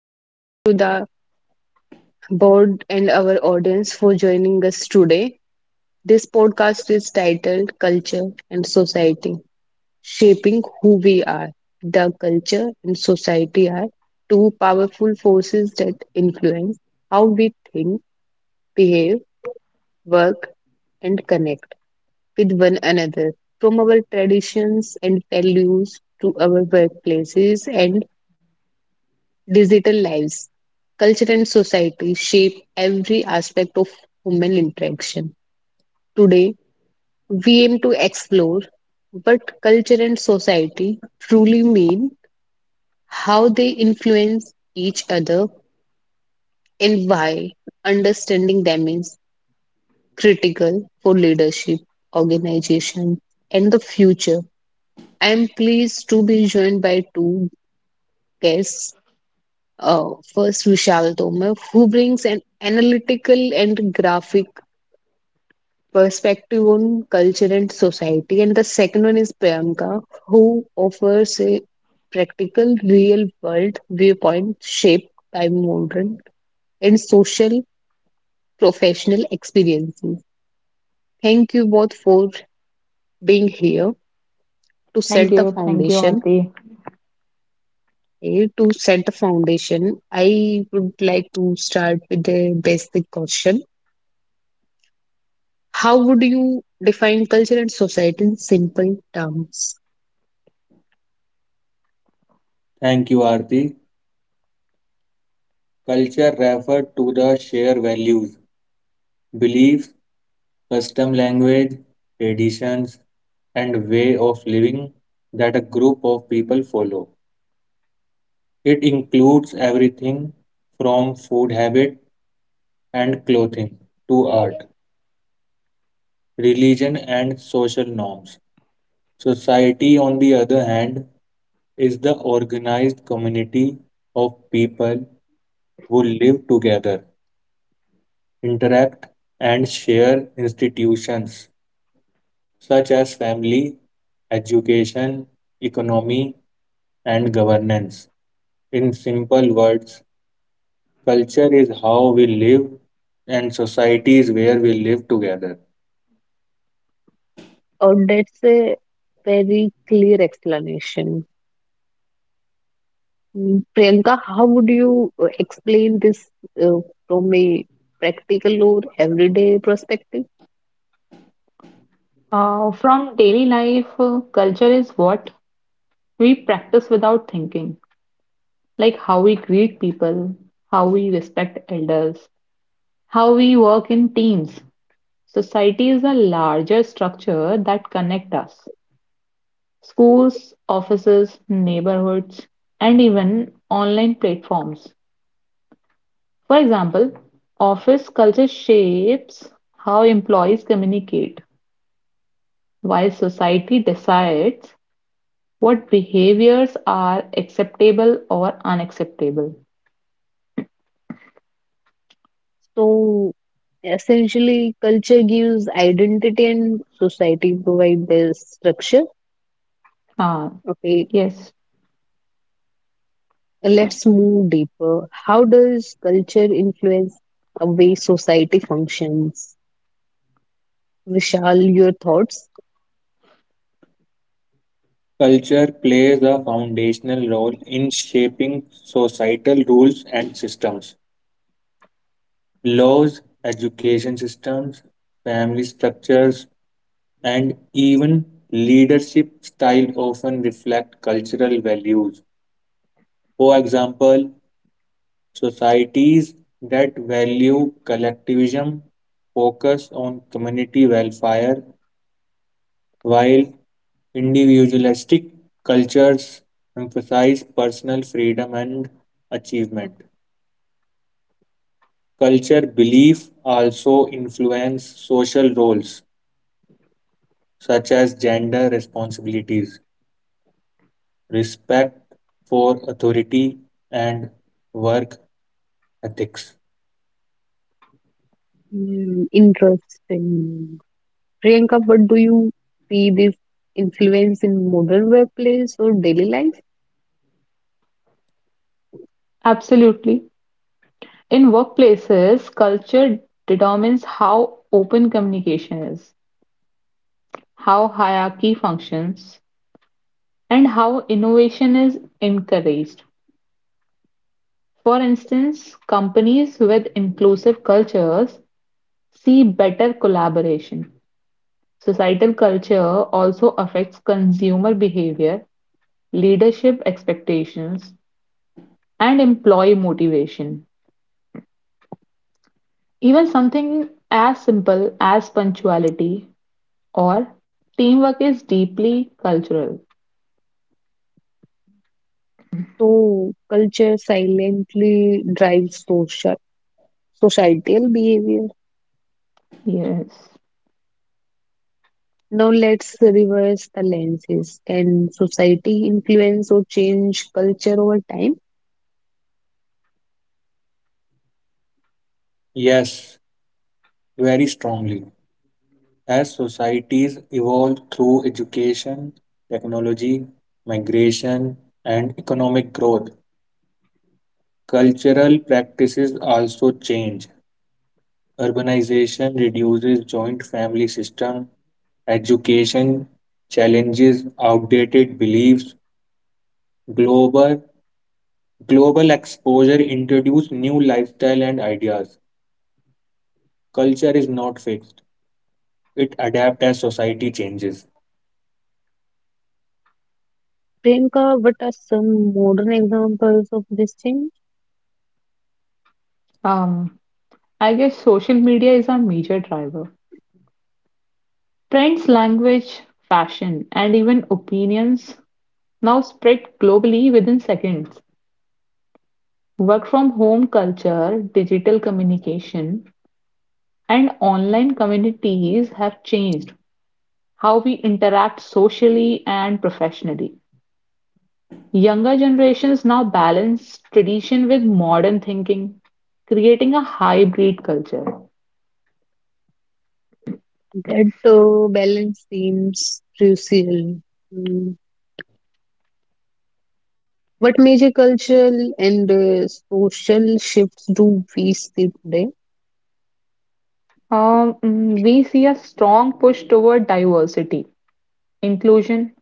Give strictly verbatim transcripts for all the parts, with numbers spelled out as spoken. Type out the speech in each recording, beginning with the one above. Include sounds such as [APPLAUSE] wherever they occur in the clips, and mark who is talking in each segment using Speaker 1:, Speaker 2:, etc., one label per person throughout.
Speaker 1: Thank you to the board and our audience for joining us today. This podcast is titled Culture and Society Shaping Who We Are. The culture and society are two powerful forces that influence how we think, behave, work, and connect with one another. From our traditions and values to our workplaces and digital lives, culture, and society shape every aspect of human interaction. Today, we aim to explore what culture and society truly mean, how they influence each other, and why understanding them is critical for leadership, organization, and the future. I am pleased to be joined by two guests, uh, first Vishal Tomar, who brings an analytical and graphic perspective on culture and society. And the second one is Priyanka, who offers a practical, real world viewpoint shaped by modern and social professional experiences. Thank you both for being here to
Speaker 2: Thank
Speaker 1: set the
Speaker 2: you, thank you,
Speaker 1: foundation.
Speaker 2: Aarti.
Speaker 1: Eh, To set the foundation, I would like to start with a basic question. How would you define culture and society in simple terms?
Speaker 3: Thank you, Aarti. Culture referred to the shared values, beliefs, custom language, traditions, and way of living that a group of people follow. It includes everything from food habit and clothing to art, religion, and social norms. Society, on the other hand, is the organized community of people who live together interact, and share institutions such as family, education, economy, and governance. In simple words, culture is how we live and society is where we live together.
Speaker 1: Or that's a very clear explanation. Mm, Priyanka, how would you uh, explain this uh, from a practical or everyday perspective?
Speaker 2: Uh, from daily life, uh, culture is what we practice without thinking, like how we greet people, how we respect elders, how we work in teams. Society is a larger structure that connect us. Schools, offices, neighborhoods, and even online platforms. For example, office culture shapes how employees communicate, while society decides what behaviors are acceptable or unacceptable.
Speaker 1: So, essentially, culture gives identity and society provide the structure.
Speaker 2: Ah,
Speaker 1: Okay,
Speaker 2: yes,
Speaker 1: let's move deeper. How does culture influence the way society functions? Vishal, your thoughts?
Speaker 3: Culture plays a foundational role in shaping societal rules and systems, laws, education systems, family structures, and even leadership style often reflect cultural values. For example, societies that value collectivism focus on community welfare, while individualistic cultures emphasize personal freedom and achievement. Culture belief also influence social roles such as gender responsibilities. Respect for authority, and work ethics.
Speaker 1: Mm, interesting. Priyanka, what do you see this influence in modern workplace or daily life?
Speaker 2: absolutely. In workplaces, culture determines how open communication is, how hierarchy functions, and how innovation is encouraged. For instance, companies with inclusive cultures see better collaboration. Societal culture also affects consumer behavior, leadership expectations, and employee motivation. Even something as simple as punctuality or teamwork is deeply cultural.
Speaker 1: So, culture silently drives social societal behavior.
Speaker 2: Yes.
Speaker 1: Now, let's reverse the lenses. Can society influence or change culture over time?
Speaker 3: Yes, very strongly. As societies evolve through education, technology, migration, and economic growth, cultural practices also change. Urbanization reduces joint family system, education challenges outdated beliefs, global global exposure introduces new lifestyle and ideas. Culture is not fixed, it adapts as society changes.
Speaker 1: Priyanka, what are some modern examples of this change?
Speaker 2: Um, I guess social media is a major driver. Trends, language, fashion, and even opinions now spread globally within seconds. Work from home culture, digital communication, and online communities have changed how we interact socially and professionally. Younger generations now balance tradition with modern thinking, creating a hybrid culture.
Speaker 1: That uh, balance seems crucial. Hmm. What major cultural and uh, social shifts do we see today?
Speaker 2: Um, mm, we see a strong push toward diversity, inclusion,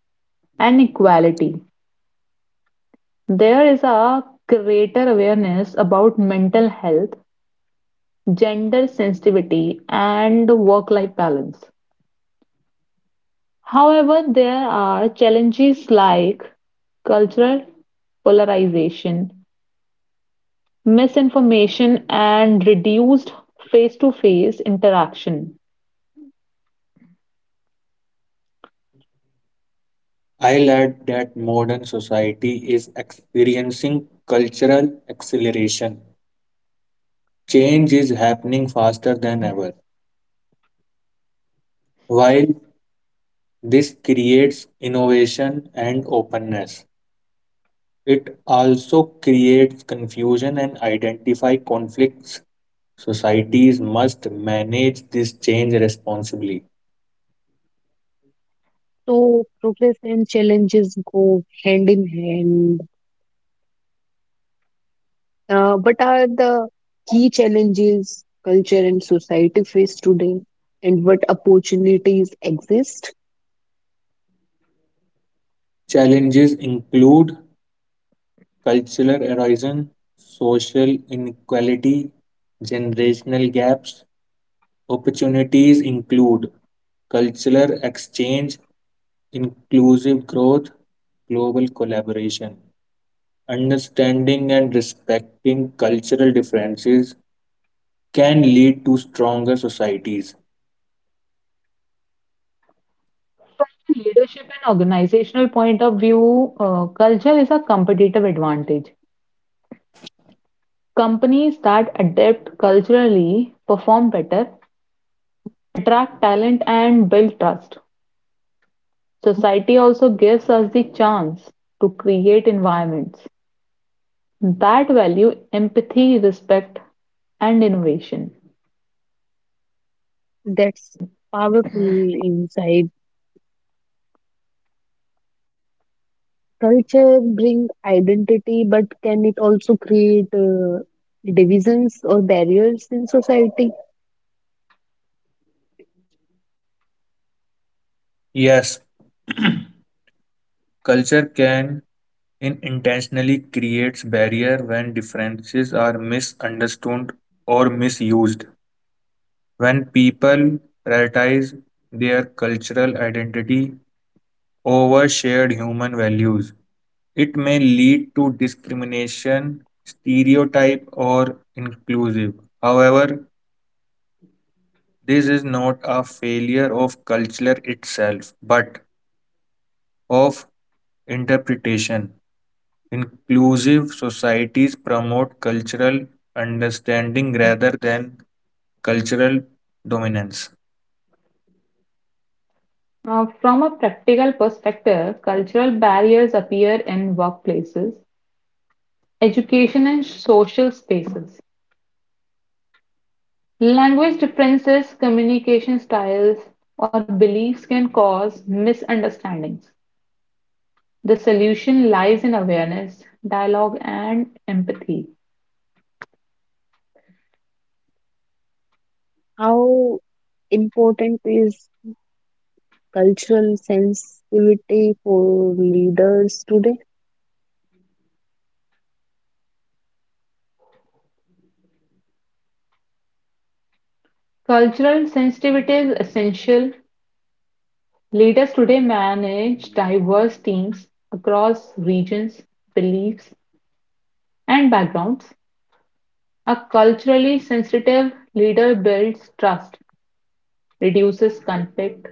Speaker 2: and equality. There is a greater awareness about mental health, gender sensitivity, and work-life balance. However, there are challenges like cultural polarization, misinformation, and reduced face-to-face interaction.
Speaker 3: I'll add that modern society is experiencing cultural acceleration. Change is happening faster than ever. While this creates innovation and openness, it also creates confusion and identify conflicts. Societies must manage this change responsibly.
Speaker 1: So, progress and challenges go hand in hand. Uh, what are the key challenges culture and society face today, and what opportunities exist?
Speaker 3: Challenges include cultural erosion, social inequality, generational gaps. Opportunities include cultural exchange, inclusive growth, global collaboration. Understanding and respecting cultural differences can lead to stronger societies.
Speaker 2: Leadership and organizational point of view, uh, culture is a competitive advantage. Companies that adapt culturally perform better, attract talent, and build trust. Society also gives us the chance to create environments that value empathy, respect, and innovation.
Speaker 1: That's powerful insight. Culture bring identity, but can it also create uh, divisions or barriers in society?
Speaker 3: Yes, culture can in intentionally creates barrier when differences are misunderstood or misused. When people prioritize their cultural identity over shared human values, it may lead to discrimination, stereotype, or inclusive. However, this is not a failure of culture itself, but of interpretation. Inclusive societies promote cultural understanding rather than cultural dominance.
Speaker 2: Uh, from a practical perspective, cultural barriers appear in workplaces, education, and social spaces. Language differences, communication styles, or beliefs can cause misunderstandings. The solution lies in awareness, dialogue, and empathy.
Speaker 1: How important is cultural sensitivity for leaders today?
Speaker 2: Cultural sensitivity is essential. Leaders today manage diverse teams across regions, beliefs, and backgrounds. A culturally sensitive leader builds trust, reduces conflict,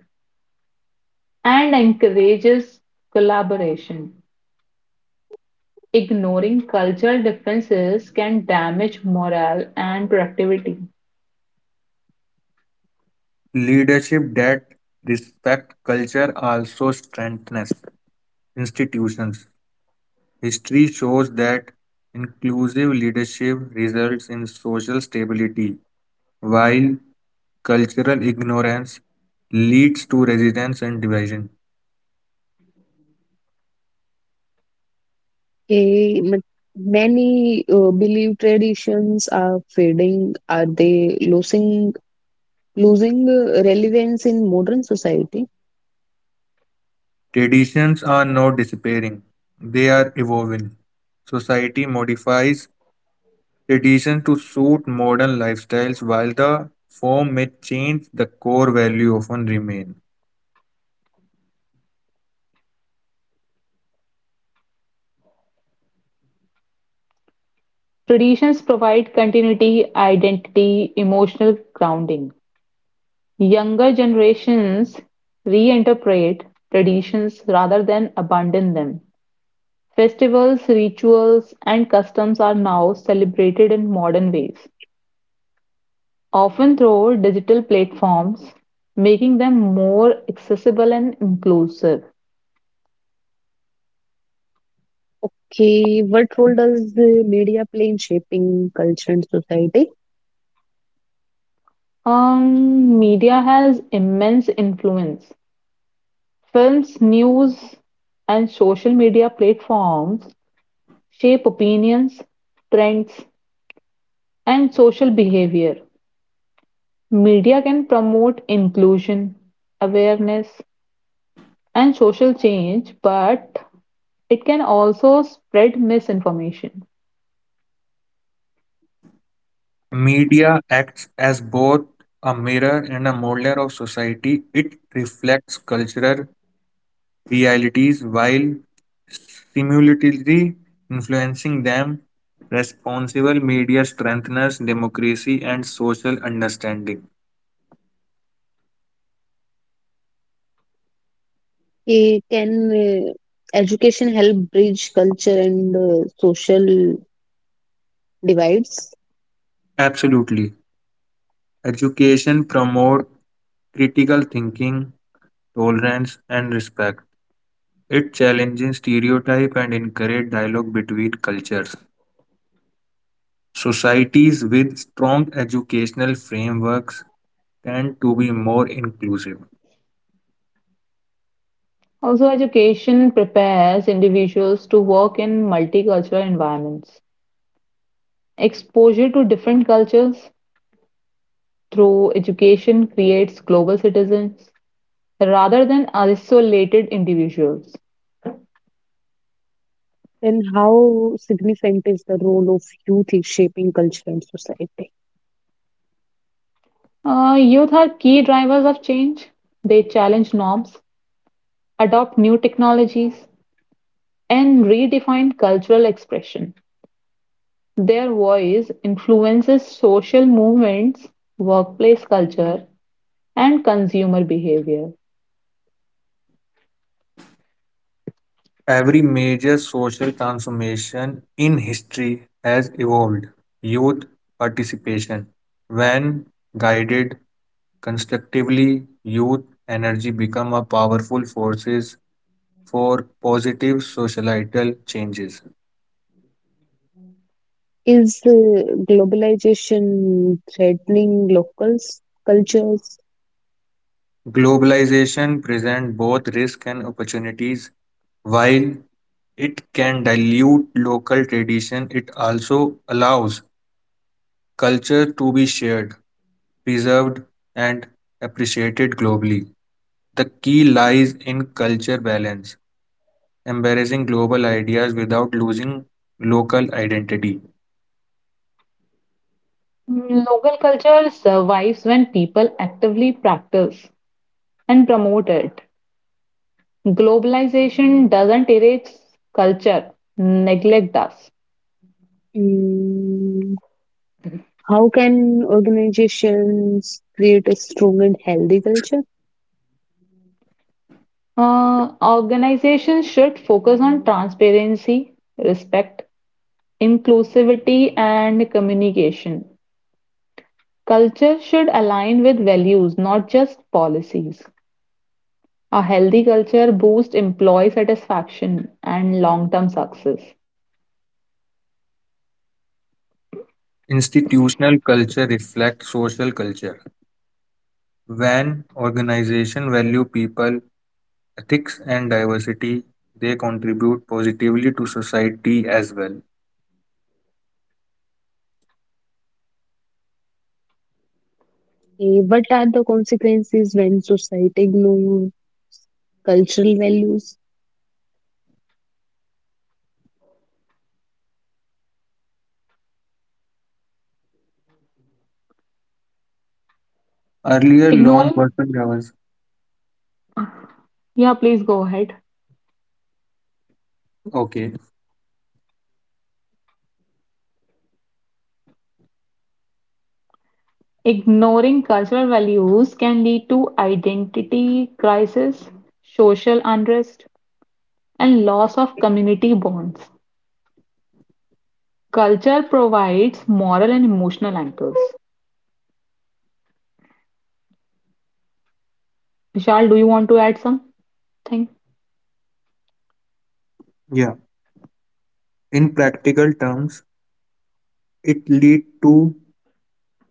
Speaker 2: and encourages collaboration. Ignoring cultural differences can damage morale and productivity.
Speaker 3: Leadership that respects culture also strengthens institutions. History shows that inclusive leadership results in social stability, while cultural ignorance leads to resistance and division.
Speaker 1: Hey, m- many uh, belief traditions are fading. Are they losing losing uh, relevance in modern society?
Speaker 3: Traditions are not disappearing, they are evolving. Society modifies traditions to suit modern lifestyles while the form may change, the core value often remain.
Speaker 2: Traditions provide continuity, identity, emotional grounding. Younger generations reinterpret traditions rather than abandon them. Festivals, rituals, and customs are now celebrated in modern ways. Often through digital platforms, making them more accessible and inclusive.
Speaker 1: Okay, what role does the media play in shaping culture and society?
Speaker 2: Um, media has immense influence. Films, news, and social media platforms shape opinions, trends, and social behavior. Media can promote inclusion, awareness, and social change, but it can also spread misinformation.
Speaker 3: Media acts as both a mirror and a molder of society. It reflects cultural realities while simultaneously influencing them. Responsible media strengthens democracy and social understanding.
Speaker 1: Eh, can uh, education help bridge culture and uh, social divides?
Speaker 3: Absolutely. Education promotes critical thinking, tolerance, and respect. It challenges stereotype and encourages dialogue between cultures. Societies with strong educational frameworks tend to be more inclusive.
Speaker 2: Also, education prepares individuals to work in multicultural environments. Exposure to different cultures through education creates global citizens rather than isolated individuals.
Speaker 1: And how significant is the role of youth in shaping culture and society?
Speaker 2: Uh, youth are key drivers of change. They challenge norms, adopt new technologies, and redefine cultural expression. Their voice influences social movements, workplace culture, and consumer behavior.
Speaker 3: Every major social transformation in history has evolved youth participation. When guided constructively, youth energy become a powerful forces for positive societal changes.
Speaker 1: Is uh, globalization threatening local cultures?
Speaker 3: Globalization present both risk and opportunities while it can dilute local tradition, it also allows culture to be shared, preserved, and appreciated globally. The key lies in culture balance, embracing global ideas without losing local identity.
Speaker 2: Mm, Local culture survives when people actively practice and promote it. Globalization doesn't erase culture, neglect does.
Speaker 1: Mm, how can organizations create a strong and healthy culture?
Speaker 2: Uh, organizations should focus on transparency, respect, inclusivity, and communication. Culture should align with values, not just policies. A healthy culture boosts employee satisfaction and long-term success.
Speaker 3: Institutional culture reflects social culture. When organizations value people, ethics, and diversity, they contribute positively to society as well.
Speaker 1: Eh, what are the consequences when society ignore cultural values?
Speaker 3: Earlier, long
Speaker 2: Ignoring,
Speaker 3: working hours.
Speaker 2: yeah, please go ahead.
Speaker 3: Okay.
Speaker 2: Ignoring cultural values can lead to identity crisis, social unrest, and loss of community bonds. Culture provides moral and emotional anchors. Vishal, do you want to add something?
Speaker 3: Yeah. In practical terms, it lead to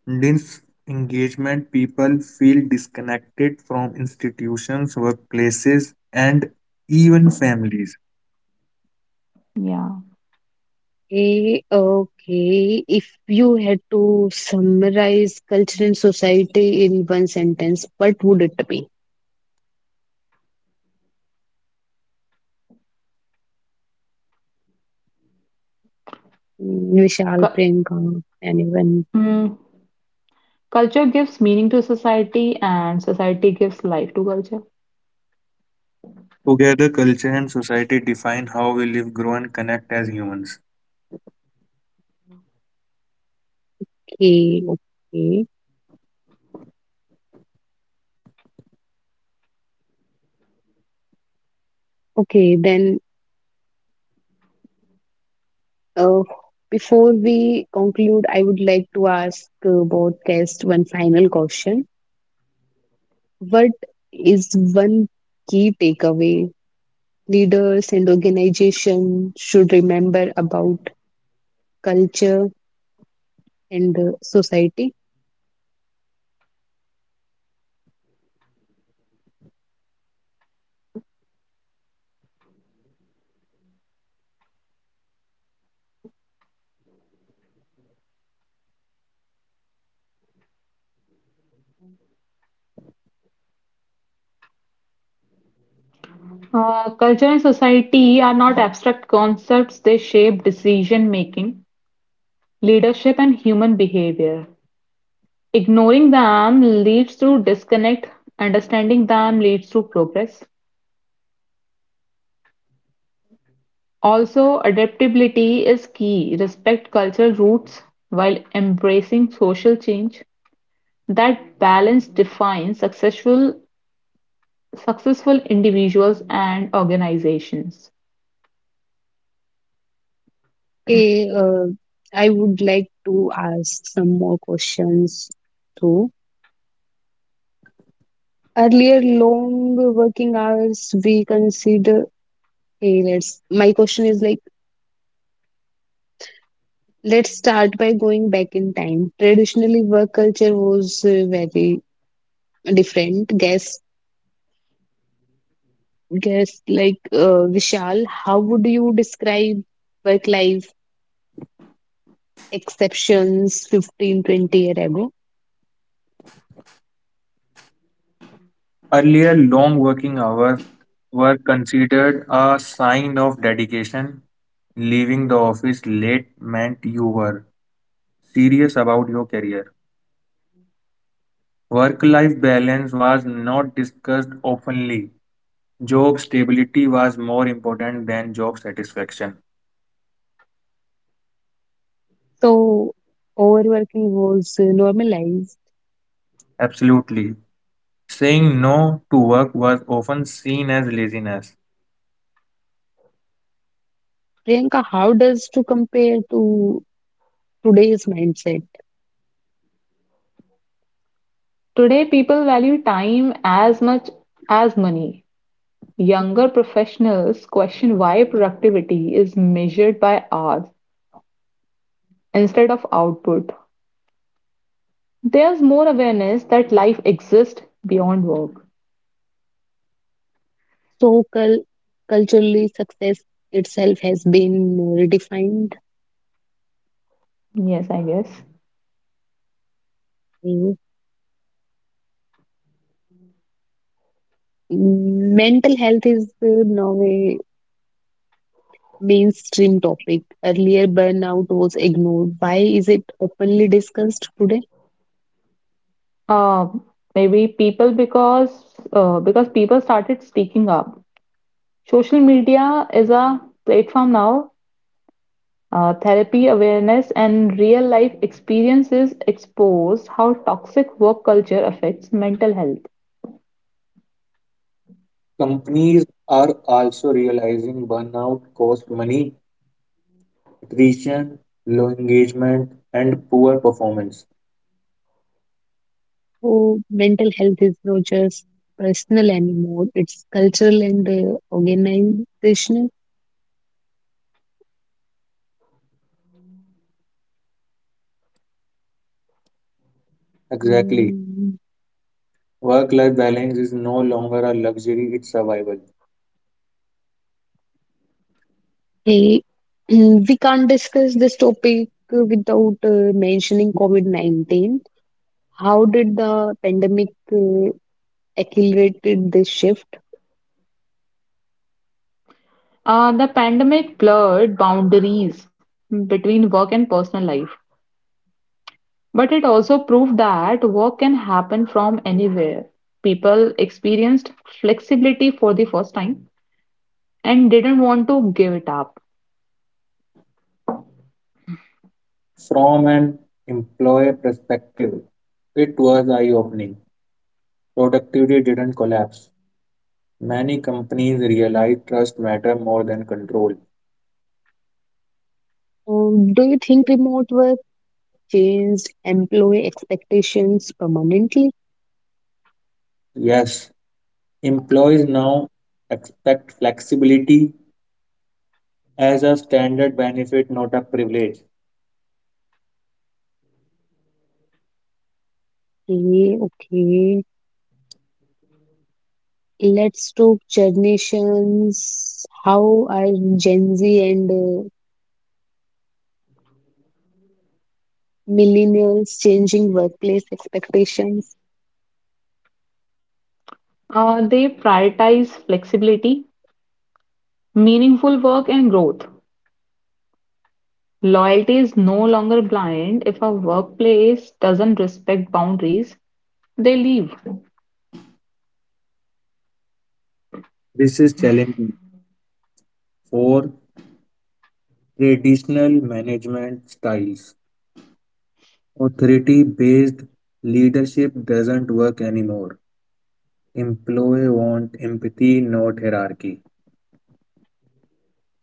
Speaker 3: disengagement. People feel disconnected from institutions, workplaces, and even families.
Speaker 2: Yeah.
Speaker 1: Eh, okay, if you had to summarize culture and society in one sentence, what would it be? Mm, Vishal,
Speaker 2: Cu-
Speaker 1: Priyanka, anyone?
Speaker 2: mm, Culture gives meaning to society, and society gives life to culture.
Speaker 3: Together, culture and society define how we live, grow, and connect as humans.
Speaker 1: Okay, okay. Okay, then Uh, before we conclude, I would like to ask uh, both guests one final question. What is one key takeaway leaders and organizations should remember about culture and uh, society?
Speaker 2: Uh, culture and society are not abstract concepts, they shape decision making, leadership, and human behavior. Ignoring them leads to disconnect, understanding them leads to progress. Also, adaptability is key. Respect cultural roots while embracing social change. That balance defines successful successful individuals and organizations.
Speaker 1: Eh, uh, I would like to ask some more questions too. Earlier, long working hours we consider. Hey, let's. My question is like Let's start by going back in time. Traditionally, work culture was uh, very different. Guess, guess like uh, Vishal, how would you describe work life exceptions fifteen, twenty years ago?
Speaker 3: Earlier, long working hours were considered a sign of dedication. Leaving the office late meant you were serious about your career. Work-life balance was not discussed openly. Job stability was more important than job satisfaction.
Speaker 1: So, overworking was uh, normalized.
Speaker 3: Absolutely. Saying no to work was often seen as laziness.
Speaker 1: Priyanka, how does to compare to today's mindset?
Speaker 2: Today, people value time as much as money. Younger professionals question why productivity is measured by hours instead of output. There's more awareness that life exists beyond work.
Speaker 1: So, cul- culturally, success itself has been redefined.
Speaker 2: Yes, I guess.
Speaker 1: Mm, Mental health is uh, now a mainstream topic. Earlier, burnout was ignored. Why is it openly discussed today?
Speaker 2: Uh, maybe people because uh, because people started speaking up. Social media is a platform now. Uh, therapy awareness and real life experiences expose how toxic work culture affects mental health.
Speaker 3: Companies are also realizing burnout costs money, attrition, low engagement, and poor performance.
Speaker 1: Oh, mental health is not just personal anymore, it's cultural and uh, organizational.
Speaker 3: Exactly.
Speaker 1: Mm,
Speaker 3: Work life balance is no longer a luxury, it's survival.
Speaker 1: eh, [CLEARS THROAT] we can't discuss this topic uh, without uh, mentioning COVID nineteen. How did the pandemic uh, accelerated this shift?
Speaker 2: Uh, the pandemic blurred boundaries between work and personal life. But it also proved that work can happen from anywhere. People experienced flexibility for the first time and didn't want to give it up.
Speaker 3: From an employer perspective, it was eye opening. Productivity didn't collapse. Many companies realize trust matter more than control.
Speaker 1: Um, do you think remote work changed employee expectations permanently?
Speaker 3: Yes, employees now expect flexibility as a standard benefit, not a privilege.
Speaker 1: Okay, okay. Let's talk generations. How are Gen Z and uh, millennials changing workplace expectations?
Speaker 2: Uh, they prioritize flexibility, meaningful work, and growth. Loyalty is no longer blind. If a workplace doesn't respect boundaries, they leave.
Speaker 3: This is challenging for traditional management styles. Authority based leadership doesn't work anymore. Employees want empathy, not hierarchy.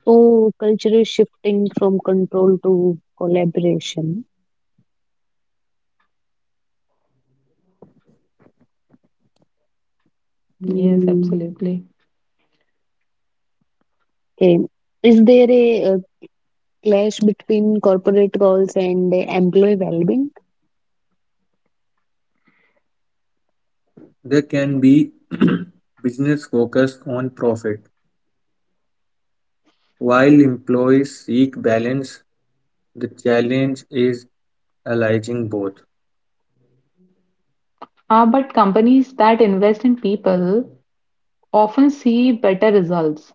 Speaker 1: So, culture is shifting from control to collaboration.
Speaker 2: Yes,
Speaker 1: Hmm.
Speaker 2: absolutely.
Speaker 1: Okay. Is there a, uh clash between corporate goals and uh, employee well-being?
Speaker 3: There can be [CLEARS THROAT] business focused on profit while employees seek balance, the challenge is aligning both.
Speaker 2: Uh, but companies that invest in people often see better results.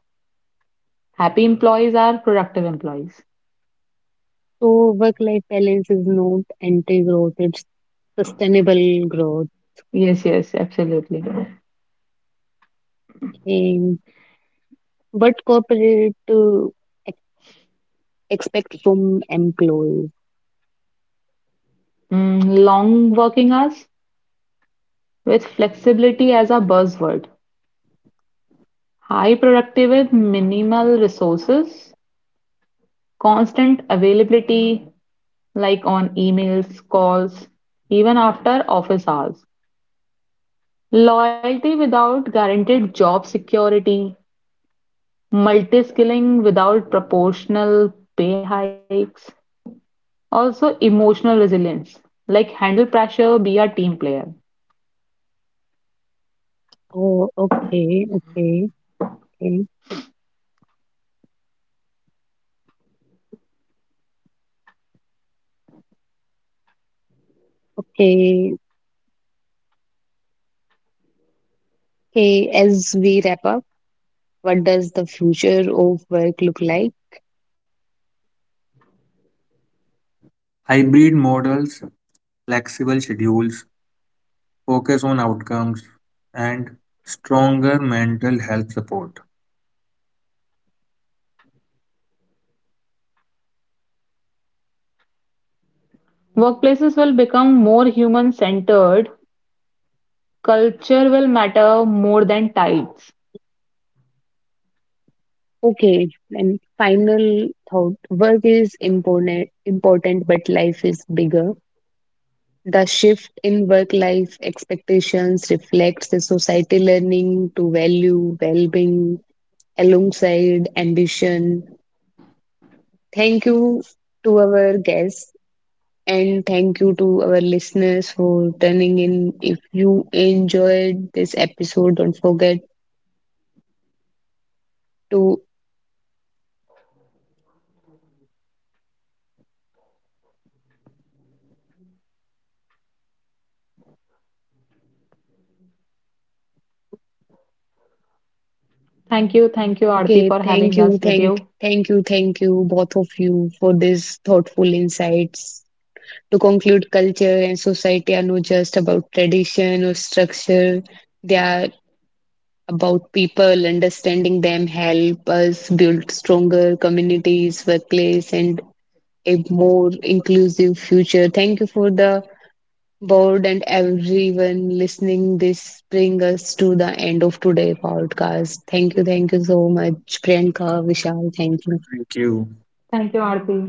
Speaker 2: Happy employees are productive employees.
Speaker 1: So, work-life balance is not anti-growth, it's sustainable growth.
Speaker 2: Yes, yes, absolutely.
Speaker 1: And, but corporate uh, expect from employees.
Speaker 2: Mm, long working hours with flexibility as a buzzword. High productivity, minimal resources, constant availability, like on emails, calls, even after office hours. Loyalty without guaranteed job security, multi-skilling without proportional pay hikes. Also, emotional resilience, like handle pressure, be a team player.
Speaker 1: Oh, okay, okay, okay, okay, okay. As we wrap up, what does the future of work look like?
Speaker 3: Hybrid models, flexible schedules, focus on outcomes, and stronger mental health support.
Speaker 2: Workplaces will become more human-centered. Culture will matter more than titles.
Speaker 1: Okay, and final thought: work is important, important, but life is bigger. The shift in work-life expectations reflects the society learning to value well-being alongside ambition. Thank you to our guests. And thank you to our listeners for tuning in. If you enjoyed this episode, don't forget to
Speaker 2: Thank you, thank you, Aarti,
Speaker 1: okay,
Speaker 2: for
Speaker 1: thank
Speaker 2: having
Speaker 1: you,
Speaker 2: us with
Speaker 1: thank
Speaker 2: you.
Speaker 1: thank you, thank you, both of you for these thoughtful insights. To conclude, culture and society are not just about tradition or structure. They are about people, understanding them help us build stronger communities, workplace, and a more inclusive future. Thank you for the board and everyone listening, this bring us to the end of today's podcast. Thank you thank you so much Priyanka, Vishal, thank you.
Speaker 3: Thank you.
Speaker 2: Thank you, Aarti.